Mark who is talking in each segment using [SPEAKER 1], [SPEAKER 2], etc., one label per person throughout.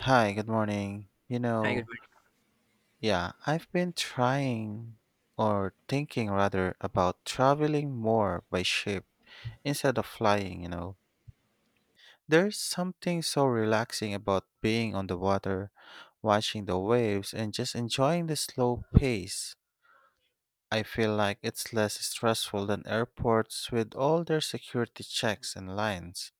[SPEAKER 1] Hi, good morning. You
[SPEAKER 2] Hi, good
[SPEAKER 1] know,
[SPEAKER 2] morning.
[SPEAKER 1] yeah, I've been trying or thinking rather about traveling more by ship instead of flying, you know. There's something so relaxing about being on the water, watching the waves, and just enjoying the slow pace. I feel like it's less stressful than airports with all their security checks and lines.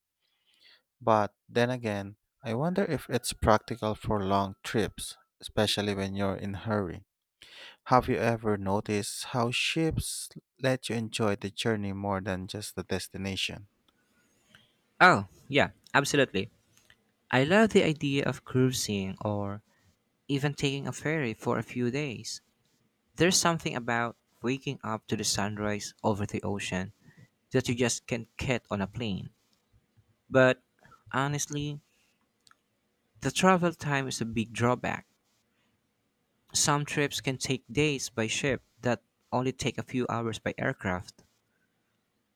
[SPEAKER 1] But then again, I wonder if it's practical for long trips, especially when you're in hurry. Have you ever noticed how ships let you enjoy the journey more than just the destination?
[SPEAKER 2] Oh, yeah, absolutely. I love the idea of cruising or even taking a ferry for a few days. There's something about waking up to the sunrise over the ocean that you just can't get on a plane. But honestly, the travel time is a big drawback. Some trips can take days by ship that only take a few hours by aircraft.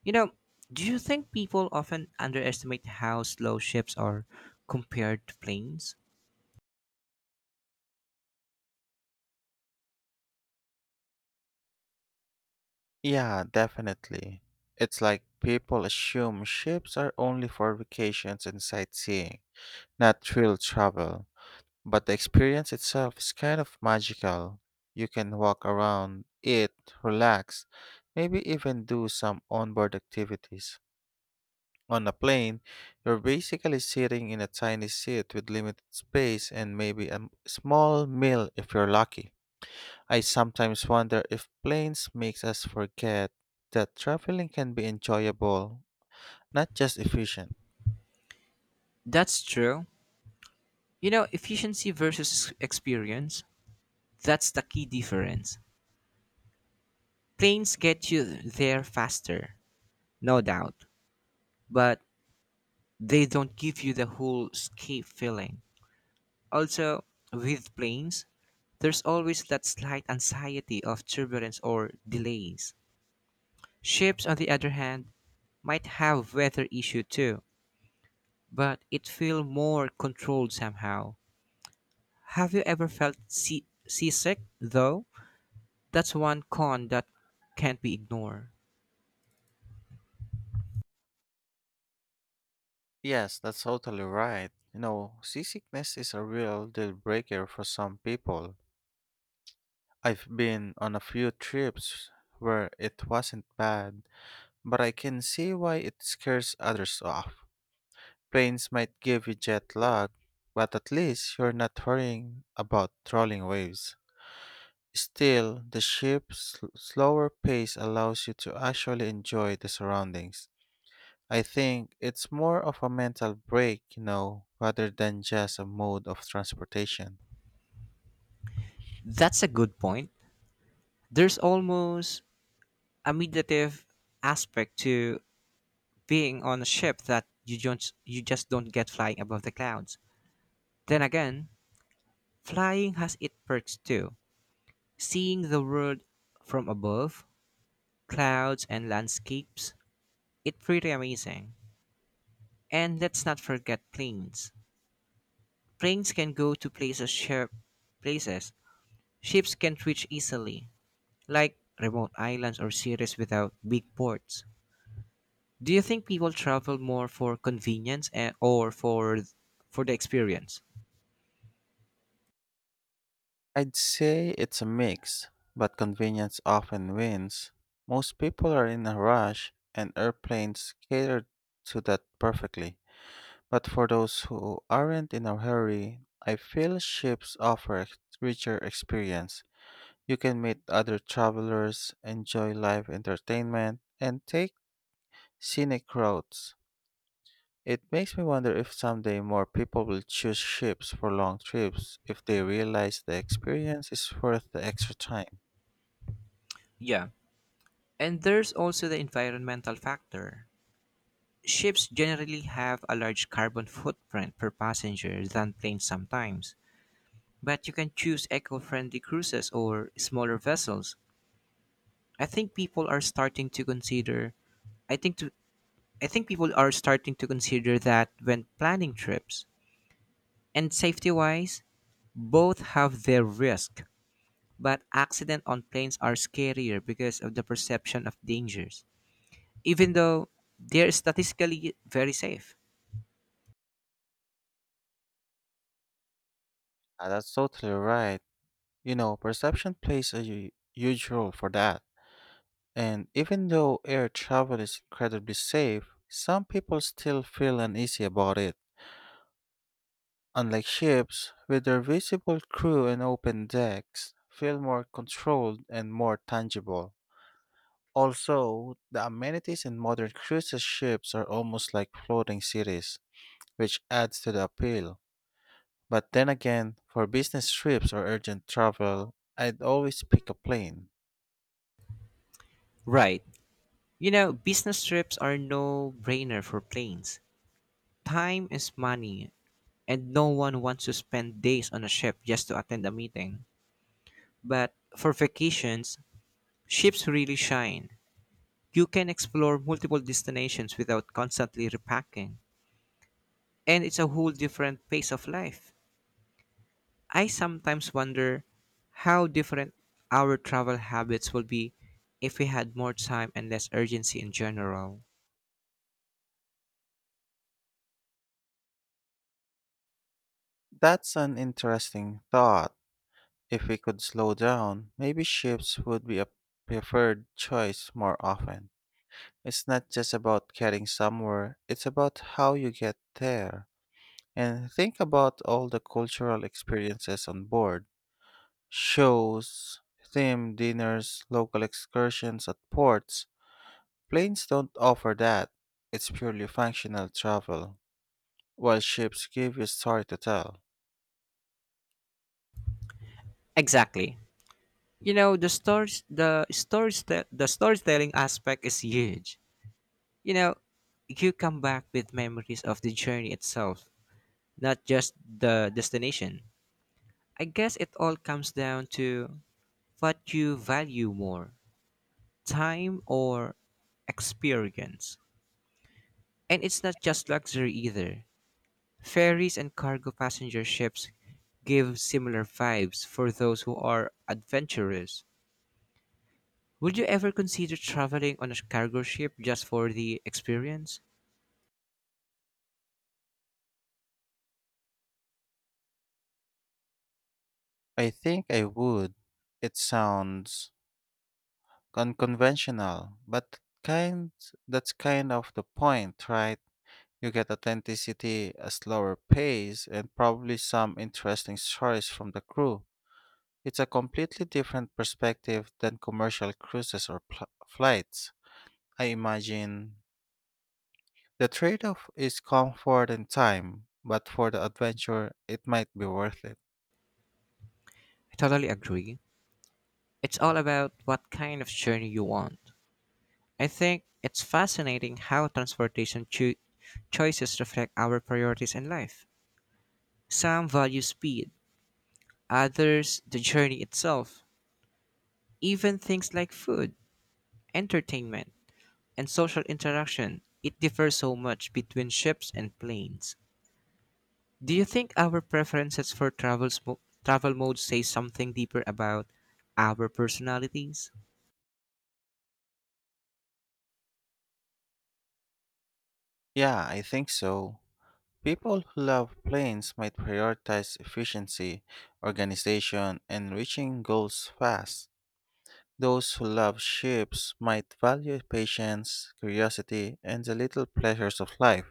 [SPEAKER 2] You know, do you think people often underestimate how slow ships are compared to planes?
[SPEAKER 1] Yeah, definitely. It's like people assume ships are only for vacations and sightseeing, not real travel. But the experience itself is kind of magical. You can walk around, eat, relax, maybe even do some onboard activities. On a plane, you're basically sitting in a tiny seat with limited space and maybe a small meal if you're lucky. I sometimes wonder if planes makes us forget that traveling can be enjoyable, not just efficient.
[SPEAKER 2] That's true. You know, efficiency versus experience, that's the key difference. Planes get you there faster, no doubt, but they don't give you the whole escape feeling. Also, with planes, there's always that slight anxiety of turbulence or delays. Ships, on the other hand, might have weather issue too, but it feels more controlled somehow. Have you ever felt seasick though? That's one con that can't be ignored.
[SPEAKER 1] Yes, that's totally right. You know, seasickness is a real deal breaker for some people. I've been on a few trips where it wasn't bad, but I can see why it scares others off. Planes might give you jet lag, but at least you're not worrying about trolling waves. Still, the ship's slower pace allows you to actually enjoy the surroundings. I think it's more of a mental break, you know, rather than just a mode of transportation.
[SPEAKER 2] That's a good point. There's almost a meditative aspect to being on a ship that you just don't get flying above the clouds. Then again, flying has its perks too. Seeing the world from above, clouds and landscapes, it's pretty amazing. And let's not forget planes. Planes can go to places ships can't reach easily, like remote islands or cities without big ports. Do you think people travel more for convenience or for the experience?
[SPEAKER 1] I'd say it's a mix, but convenience often wins. Most people are in a rush, and airplanes cater to that perfectly. But for those who aren't in a hurry, I feel ships offer a richer experience. You can meet other travelers, enjoy live entertainment, and take scenic routes. It makes me wonder if someday more people will choose ships for long trips if they realize the experience is worth the extra time.
[SPEAKER 2] Yeah. And there's also the environmental factor. Ships generally have a large carbon footprint per passenger than planes sometimes, but you can choose eco-friendly cruises or smaller vessels. I think people are starting to consider I think to I think people are starting to consider that when planning trips. And safety wise, both have their risk, but accident on planes are scarier because of the perception of dangers, even though they're statistically very safe.
[SPEAKER 1] Ah, that's totally right. You know, perception plays a huge role for that. And even though air travel is incredibly safe, some people still feel uneasy about it. Unlike ships, with their visible crew and open decks, feel more controlled and more tangible. Also, the amenities in modern cruise ships are almost like floating cities, which adds to the appeal. But then again, for business trips or urgent travel, I'd always pick a plane.
[SPEAKER 2] Right. You know, business trips are no brainer for planes. Time is money, and no one wants to spend days on a ship just to attend a meeting. But for vacations, ships really shine. You can explore multiple destinations without constantly repacking, and it's a whole different pace of life. I sometimes wonder how different our travel habits will be if we had more time and less urgency in general.
[SPEAKER 1] That's an interesting thought. If we could slow down, maybe ships would be a preferred choice more often. It's not just about getting somewhere, it's about how you get there. And think about all the cultural experiences on board shows, theme dinners, local excursions at ports. Planes don't offer that, it's purely functional travel, while ships give you story to tell.
[SPEAKER 2] Exactly. You know, the storytelling aspect is huge. You know, you come back with memories of the journey itself, not just the destination. I guess it all comes down to what you value more, time or experience. And it's not just luxury either. Ferries and cargo passenger ships give similar vibes for those who are adventurous. Would you ever consider traveling on a cargo ship just for the experience?
[SPEAKER 1] I think I would. It sounds unconventional, but kind that's kind of the point, right? You get authenticity, a slower pace, and probably some interesting stories from the crew. It's a completely different perspective than commercial cruises or flights. I imagine the trade off is comfort and time, but for the adventure, it might be worth it.
[SPEAKER 2] I totally agree. It's all about what kind of journey you want. I think it's fascinating how transportation choices reflect our priorities in life. Some value speed, others the journey itself, even things like food, entertainment, and social interaction, it differs so much between ships and planes. Do you think our preferences for travel modes say something deeper about our personalities?
[SPEAKER 1] Yeah, I think so. People who love planes might prioritize efficiency, organization, and reaching goals fast. Those who love ships might value patience, curiosity, and the little pleasures of life.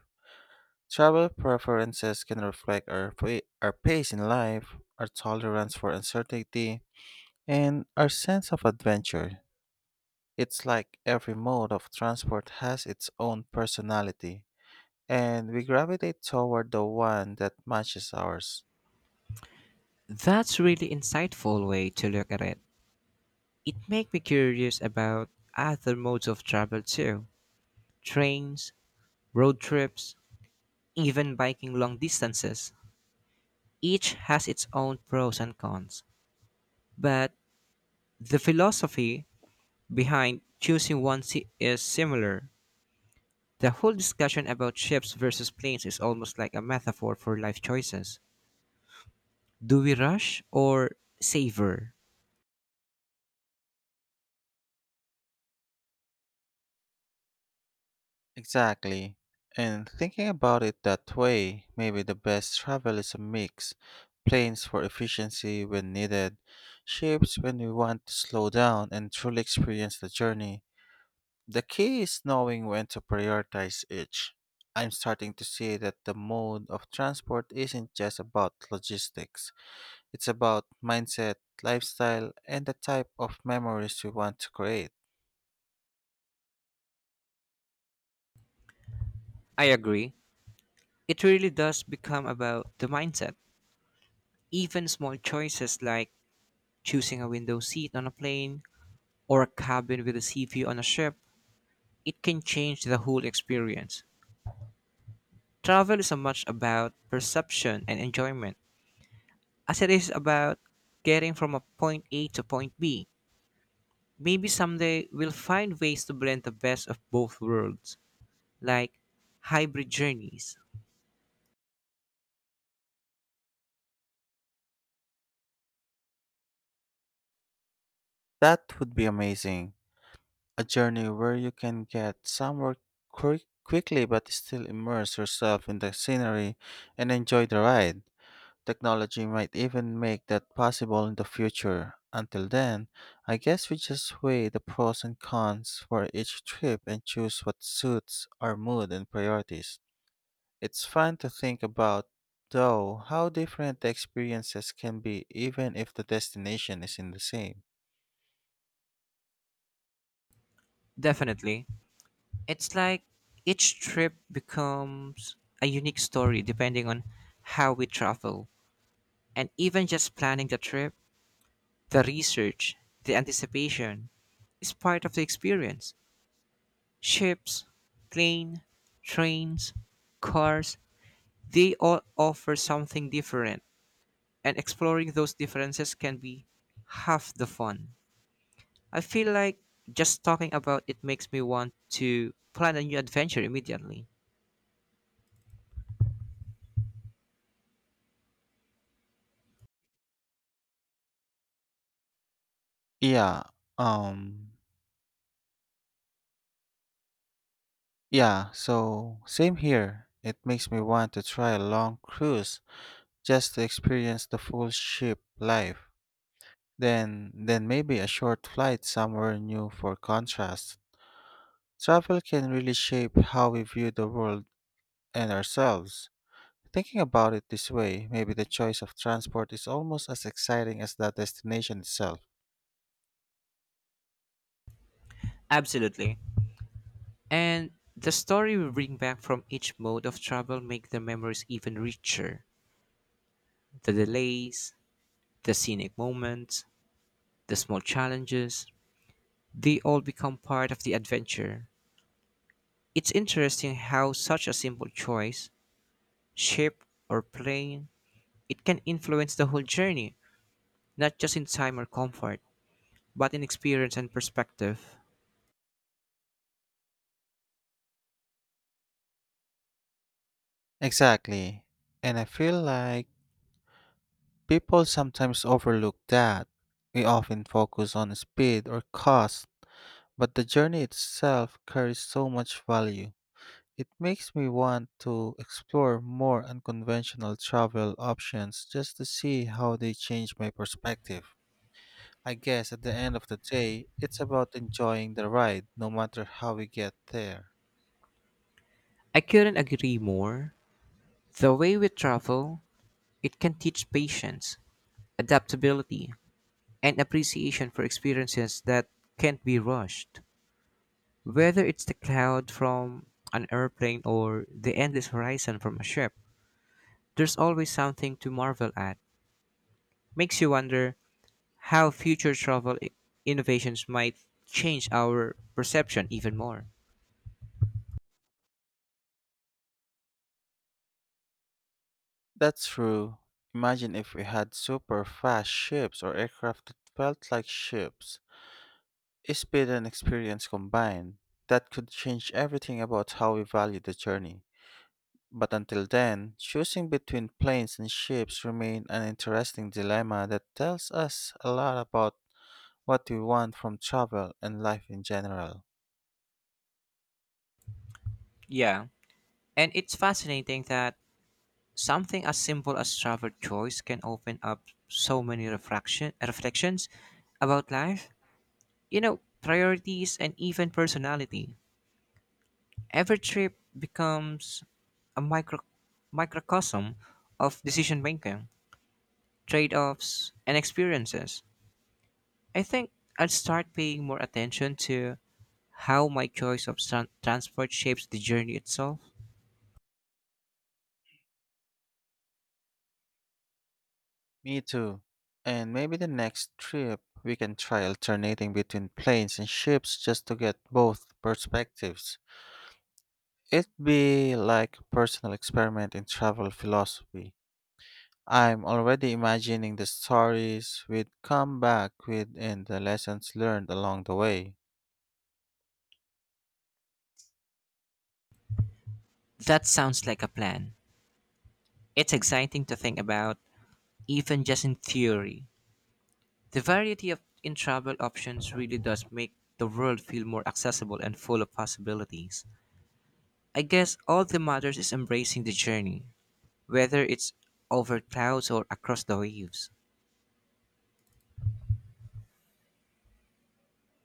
[SPEAKER 1] Travel preferences can reflect our pace in life, our tolerance for uncertainty, and our sense of adventure. It's like every mode of transport has its own personality, and we gravitate toward the one that matches ours.
[SPEAKER 2] That's really insightful way to look at it. It makes me curious about other modes of travel too. Trains, road trips, even biking long distances. Each has its own pros and cons, but the philosophy behind choosing one is similar. The whole discussion about ships versus planes is almost like a metaphor for life choices. Do we rush or savor?
[SPEAKER 1] Exactly. And thinking about it that way, maybe the best travel is a mix. Planes for efficiency when needed, ships when we want to slow down and truly experience the journey. The key is knowing when to prioritize each. I'm starting to see that the mode of transport isn't just about logistics. It's about mindset, lifestyle, and the type of memories we want to create.
[SPEAKER 2] I agree. It really does become about the mindset. Even small choices like choosing a window seat on a plane or a cabin with a sea view on a ship, it can change the whole experience. Travel is so much about perception and enjoyment as it is about getting from a point A to point B. Maybe someday we'll find ways to blend the best of both worlds, like hybrid journeys.
[SPEAKER 1] That would be amazing. A journey where you can get somewhere quickly but still immerse yourself in the scenery and enjoy the ride. Technology might even make that possible in the future. Until then, I guess we just weigh the pros and cons for each trip and choose what suits our mood and priorities. It's fun to think about, though, how different the experiences can be even if the destination isn't the same.
[SPEAKER 2] Definitely. It's like each trip becomes a unique story depending on how we travel. And even just planning the trip, the research, the anticipation is part of the experience. Ships, plane, trains, cars, they all offer something different. And exploring those differences can be half the fun. I feel like just talking about it makes me want to plan a new adventure immediately.
[SPEAKER 1] Yeah, um, Yeah, so same here. It makes me want to try a long cruise just to experience the full ship life. Then maybe a short flight somewhere new for contrast. Travel can really shape how we view the world and ourselves. Thinking about it this way, maybe the choice of transport is almost as exciting as the destination itself.
[SPEAKER 2] Absolutely. And the story we bring back from each mode of travel make the memories even richer. The delays, the scenic moments, the small challenges, they all become part of the adventure. It's interesting how such a simple choice, ship or plane, it can influence the whole journey, not just in time or comfort, but in experience and perspective.
[SPEAKER 1] Exactly. And I feel like people sometimes overlook that. We often focus on speed or cost, but the journey itself carries so much value. It makes me want to explore more unconventional travel options just to see how they change my perspective. I guess at the end of the day, it's about enjoying the ride no matter how we get there.
[SPEAKER 2] I couldn't agree more. The way we travel, it can teach patience, adaptability, and appreciation for experiences that can't be rushed. Whether it's the cloud from an airplane or the endless horizon from a ship, there's always something to marvel at. Makes you wonder how future travel innovations might change our perception even more.
[SPEAKER 1] That's true. Imagine if we had super fast ships or aircraft that felt like ships. Speed and experience combined, that could change everything about how we value the journey. But until then, choosing between planes and ships remain an interesting dilemma that tells us a lot about what we want from travel and life in general.
[SPEAKER 2] Yeah, and it's fascinating that something as simple as travel choice can open up so many reflections about life, priorities, and even personality. Every trip becomes a microcosm of decision making, trade offs, and experiences. I think I'll start paying more attention to how my choice of transport shapes the journey itself.
[SPEAKER 1] Me too. And maybe the next trip we can try alternating between planes and ships just to get both perspectives. It'd be like a personal experiment in travel philosophy. I'm already imagining the stories we'd come back with and the lessons learned along the way.
[SPEAKER 2] That sounds like a plan. It's exciting to think about, even just in theory. The variety of in travel options really does make the world feel more accessible and full of possibilities. I guess all that matters is embracing the journey, whether it's over clouds or across the waves.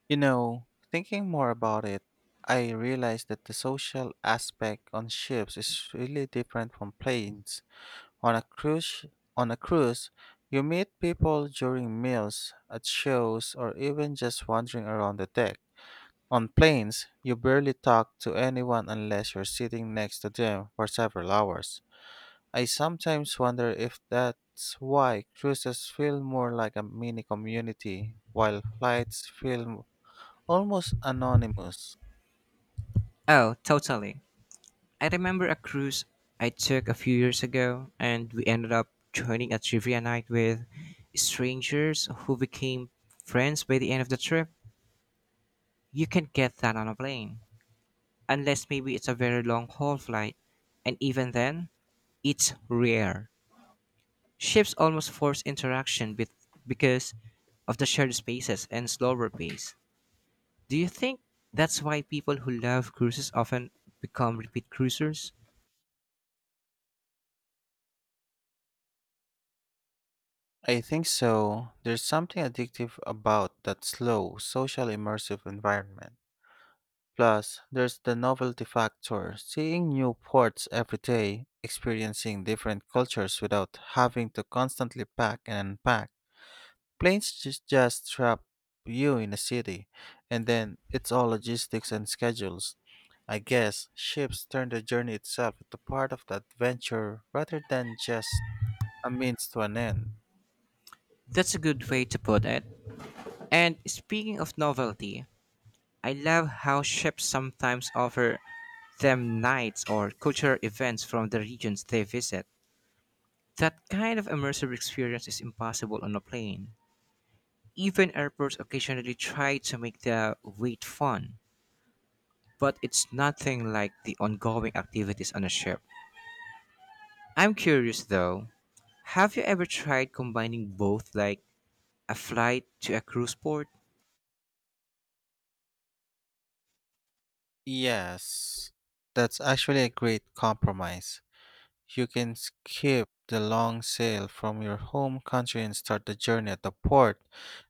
[SPEAKER 1] You know, thinking more about it, I realized that the social aspect on ships is really different from planes. On a cruise, sh- on a cruise, you meet people during meals, at shows, or even just wandering around the deck. On planes, you barely talk to anyone unless you're sitting next to them for several hours. I sometimes wonder if that's why cruises feel more like a mini community, while flights feel almost anonymous.
[SPEAKER 2] Oh, totally. I remember a cruise I took a few years ago, and we ended up joining a trivia night with strangers who became friends by the end of the trip. You can not get that on a plane, unless maybe it's a very long haul flight, and even then, it's rare. Ships almost force interaction because of the shared spaces and slower pace. Do you think that's why people who love cruises often become repeat cruisers?
[SPEAKER 1] I think so. There's something addictive about that slow, social immersive environment. Plus, there's the novelty factor, seeing new ports every day, experiencing different cultures without having to constantly pack and unpack. Planes just trap you in a city, and then it's all logistics and schedules. I guess ships turn the journey itself into part of the adventure rather than just a means to an end.
[SPEAKER 2] That's a good way to put it. And speaking of novelty, I love how ships sometimes offer them nights or cultural events from the regions they visit. That kind of immersive experience is impossible on a plane. Even airports occasionally try to make the wait fun, but it's nothing like the ongoing activities on a ship. I'm curious though, have you ever tried combining both, like a flight to a cruise port?
[SPEAKER 1] Yes, that's actually a great compromise. You can skip the long sail from your home country and start the journey at the port,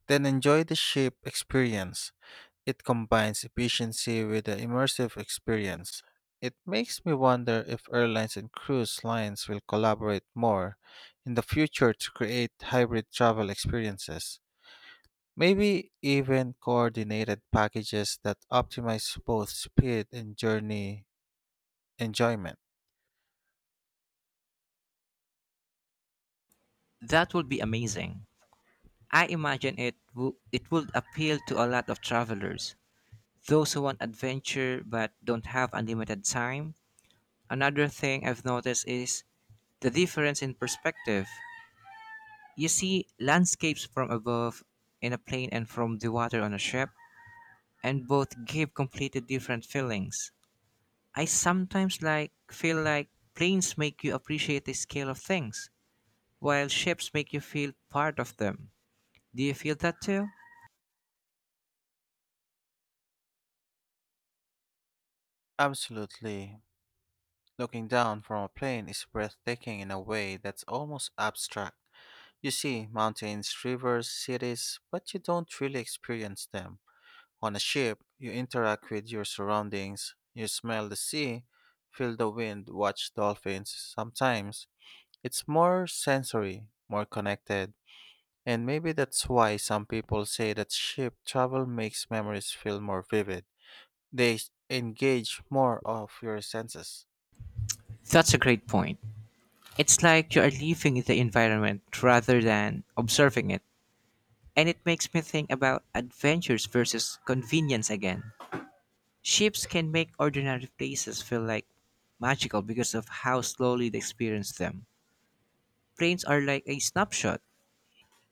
[SPEAKER 1] then enjoy the ship experience. It combines efficiency with an immersive experience. It makes me wonder if airlines and cruise lines will collaborate more in the future to create hybrid travel experiences. Maybe even coordinated packages that optimize both speed and journey enjoyment.
[SPEAKER 2] That would be amazing. I imagine it would appeal to a lot of travelers, those who want adventure but don't have unlimited time. Another thing I've noticed is the difference in perspective. You see landscapes from above in a plane and from the water on a ship, and both give completely different feelings. I sometimes like feel like planes make you appreciate the scale of things, while ships make you feel part of them. Do you feel that too?
[SPEAKER 1] Absolutely. Looking down from a plane is breathtaking in a way that's almost abstract. You see mountains, rivers, cities, but you don't really experience them. On a ship, you interact with your surroundings. You smell the sea, feel the wind, watch dolphins sometimes. It's more sensory, more connected. And maybe that's why some people say that ship travel makes memories feel more vivid. They engage more of your senses.
[SPEAKER 2] That's a great point. It's like you are living the environment rather than observing it. And it makes me think about adventures versus convenience again. Ships can make ordinary places feel like magical because of how slowly they experience them. Planes are like a snapshot.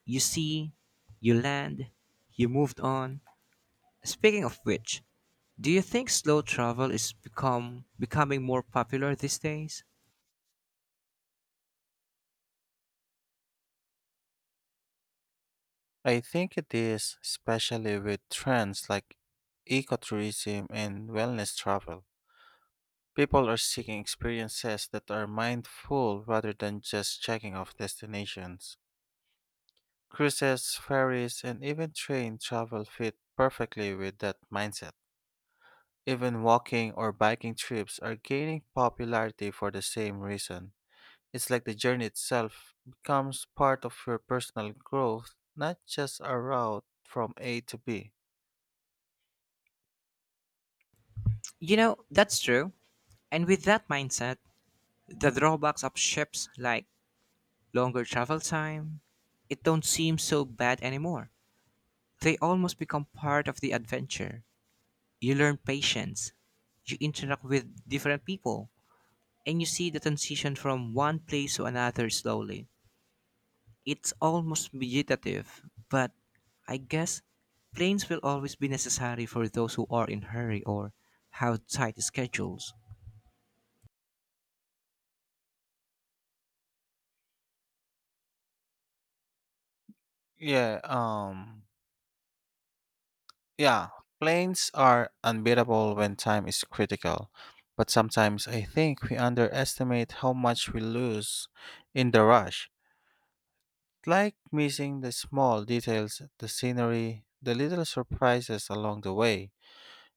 [SPEAKER 2] You see, you land, you moved on. Speaking of which, do you think slow travel is become becoming more popular these days?
[SPEAKER 1] I think it is, especially with trends like ecotourism and wellness travel. People are seeking experiences that are mindful rather than just checking off destinations. Cruises, ferries, and even train travel fit perfectly with that mindset. Even walking or biking trips are gaining popularity for the same reason. It's like the journey itself becomes part of your personal growth, not just a route from A to B.
[SPEAKER 2] You know, that's true. And with that mindset, the drawbacks of ships like longer travel time, it don't seem so bad anymore. They almost become part of the adventure. You learn patience, you interact with different people, and you see the transition from one place to another slowly. It's almost vegetative, but I guess planes will always be necessary for those who are in hurry or have tight schedules.
[SPEAKER 1] Yeah, um, yeah, planes are unbeatable when time is critical, but sometimes I think we underestimate how much we lose in the rush. Like missing the small details, the scenery, the little surprises along the way.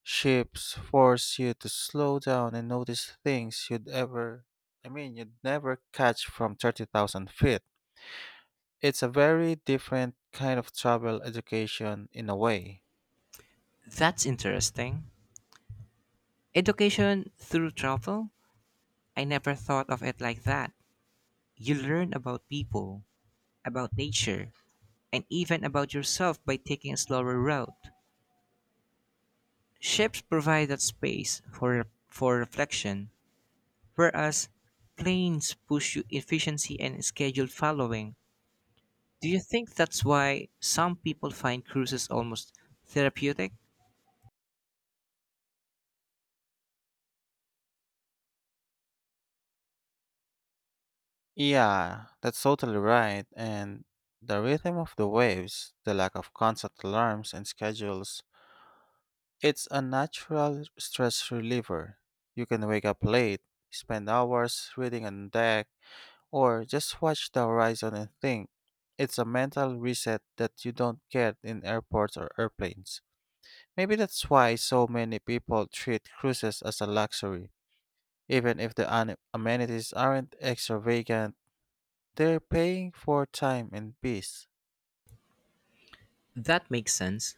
[SPEAKER 1] Ships force you to slow down and notice things you'd ever, I mean, you'd never catch from 30,000 feet. It's a very different kind of travel education in a way.
[SPEAKER 2] That's interesting. Education through travel? I never thought of it like that. You learn about people, about nature, and even about yourself by taking a slower route. Ships provide that space for reflection, whereas planes push you efficiency and schedule following. Do you think that's why some people find cruises almost therapeutic?
[SPEAKER 1] Yeah, that's totally right. And the rhythm of the waves, the lack of constant alarms and schedules, it's a natural stress reliever. You can wake up late, spend hours reading on deck, or just watch the horizon and think. It's a mental reset that you don't get in airports or airplanes. Maybe that's why so many people treat cruises as a luxury, even if the amenities aren't extravagant, they're paying for time and peace.
[SPEAKER 2] That makes sense.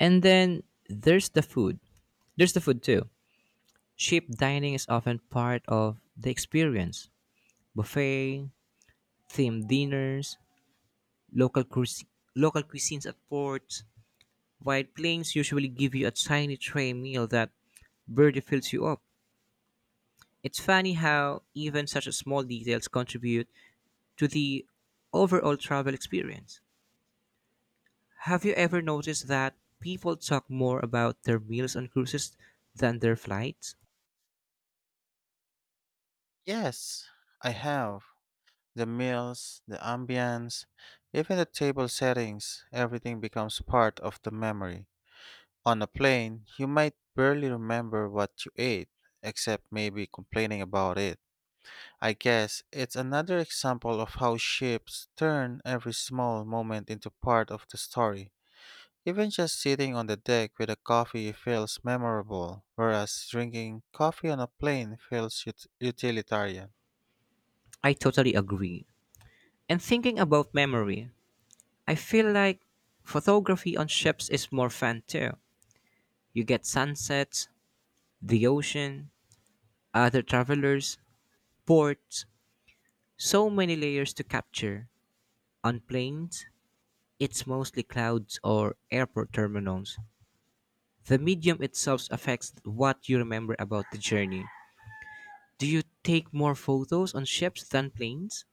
[SPEAKER 2] And then there's the food. There's the food too. Cheap dining is often part of the experience. Buffet, themed dinners, local cuis- local cuisines at ports. White planes usually give you a tiny tray meal that barely fills you up. It's funny how even such small details contribute to the overall travel experience. Have you ever noticed that people talk more about their meals on cruises than their flights?
[SPEAKER 1] Yes, I have. The meals, the ambience, even the table settings, everything becomes part of the memory. On a plane, you might barely remember what you ate, except maybe complaining about it. I guess it's another example of how ships turn every small moment into part of the story. Even just sitting on the deck with a coffee feels memorable, whereas drinking coffee on a plane feels utilitarian.
[SPEAKER 2] I totally agree. And thinking about memory, I feel like photography on ships is more fun too. You get sunsets, the ocean, other travelers, ports, so many layers to capture. On planes, it's mostly clouds or airport terminals. The medium itself affects what you remember about the journey. Do you take more photos on ships than planes?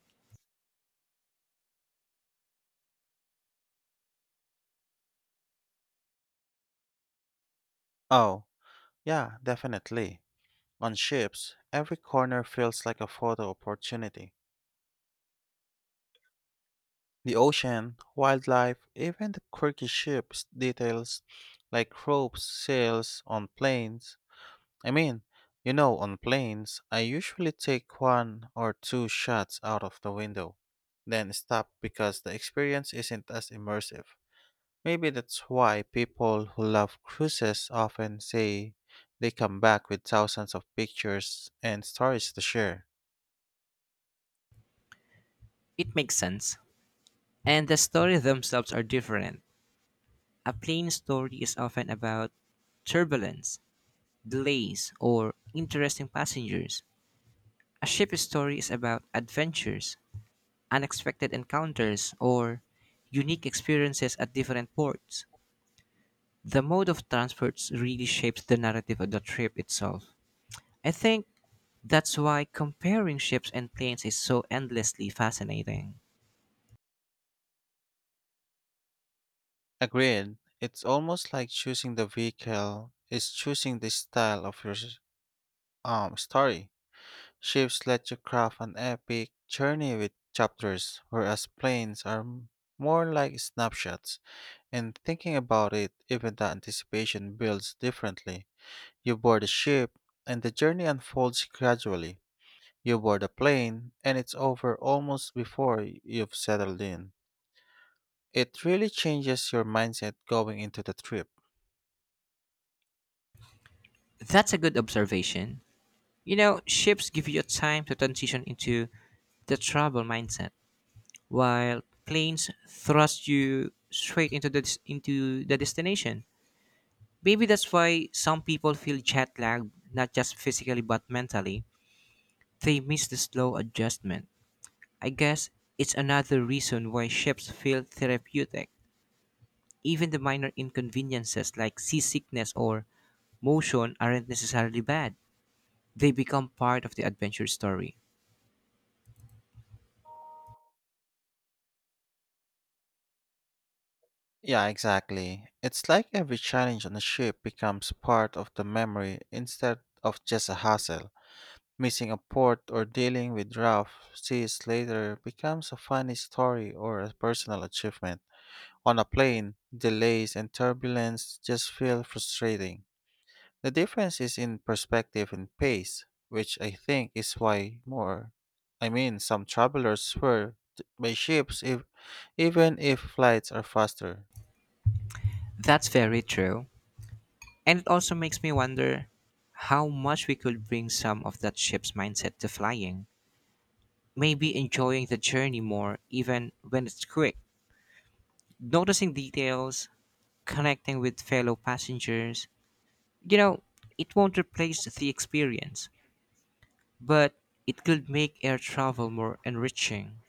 [SPEAKER 1] Oh, yeah, definitely. On ships, every corner feels like a photo opportunity. The ocean, wildlife, even the quirky ship details like ropes, sails on planes, I mean, you know, on planes, I usually take one or two shots out of the window, then stop because the experience isn't as immersive. Maybe that's why people who love cruises often say they come back with thousands of pictures and stories to share.
[SPEAKER 2] It makes sense. And the stories themselves are different. A plane story is often about turbulence, delays, or interesting passengers. A ship story is about adventures, unexpected encounters, or unique experiences at different ports. The mode of transport really shapes the narrative of the trip itself. I think that's why comparing ships and planes is so endlessly fascinating.
[SPEAKER 1] Agreed, it's almost like choosing the vehicle is choosing the style of your story. Ships let you craft an epic journey with chapters, whereas planes are more like snapshots. And thinking about it, even the anticipation builds differently. You board a ship, and the journey unfolds gradually. You board a plane, and it's over almost before you've settled in. It really changes your mindset going into the trip.
[SPEAKER 2] That's a good observation. You know, ships give you time to transition into the travel mindset, while planes thrust you straight into the destination. Maybe that's why some people feel jet lagged, not just physically but mentally. They miss the slow adjustment. I guess it's another reason why ships feel therapeutic. Even the minor inconveniences like seasickness or motion aren't necessarily bad. They become part of the adventure story.
[SPEAKER 1] Yeah, exactly. It's like every challenge on a ship becomes part of the memory instead of just a hassle. Missing a port or dealing with rough seas later becomes a funny story or a personal achievement. On a plane, delays and turbulence just feel frustrating. The difference is in perspective and pace, which I think is why some travelers by ships, if, even if flights are faster.
[SPEAKER 2] That's very true. And it also makes me wonder how much we could bring some of that ship's mindset to flying. Maybe enjoying the journey more, even when it's quick. Noticing details, connecting with fellow passengers. You know, it won't replace the experience, but it could make air travel more enriching.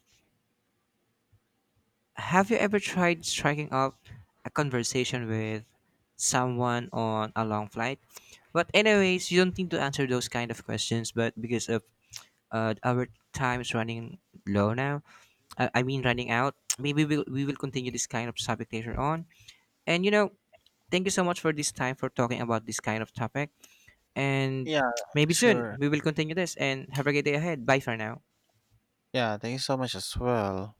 [SPEAKER 2] Have you ever tried striking up a conversation with someone on a long flight? But anyways, you don't need to answer those kind of questions, but because of our time is running low now, I mean running out, maybe we will continue this kind of topic later on. And you know, thank you so much for this time for talking about this kind of topic. And
[SPEAKER 1] Yeah,
[SPEAKER 2] maybe soon
[SPEAKER 1] sure.
[SPEAKER 2] we will continue this and have a great day ahead. Bye for now.
[SPEAKER 1] Yeah, thank you so much as well.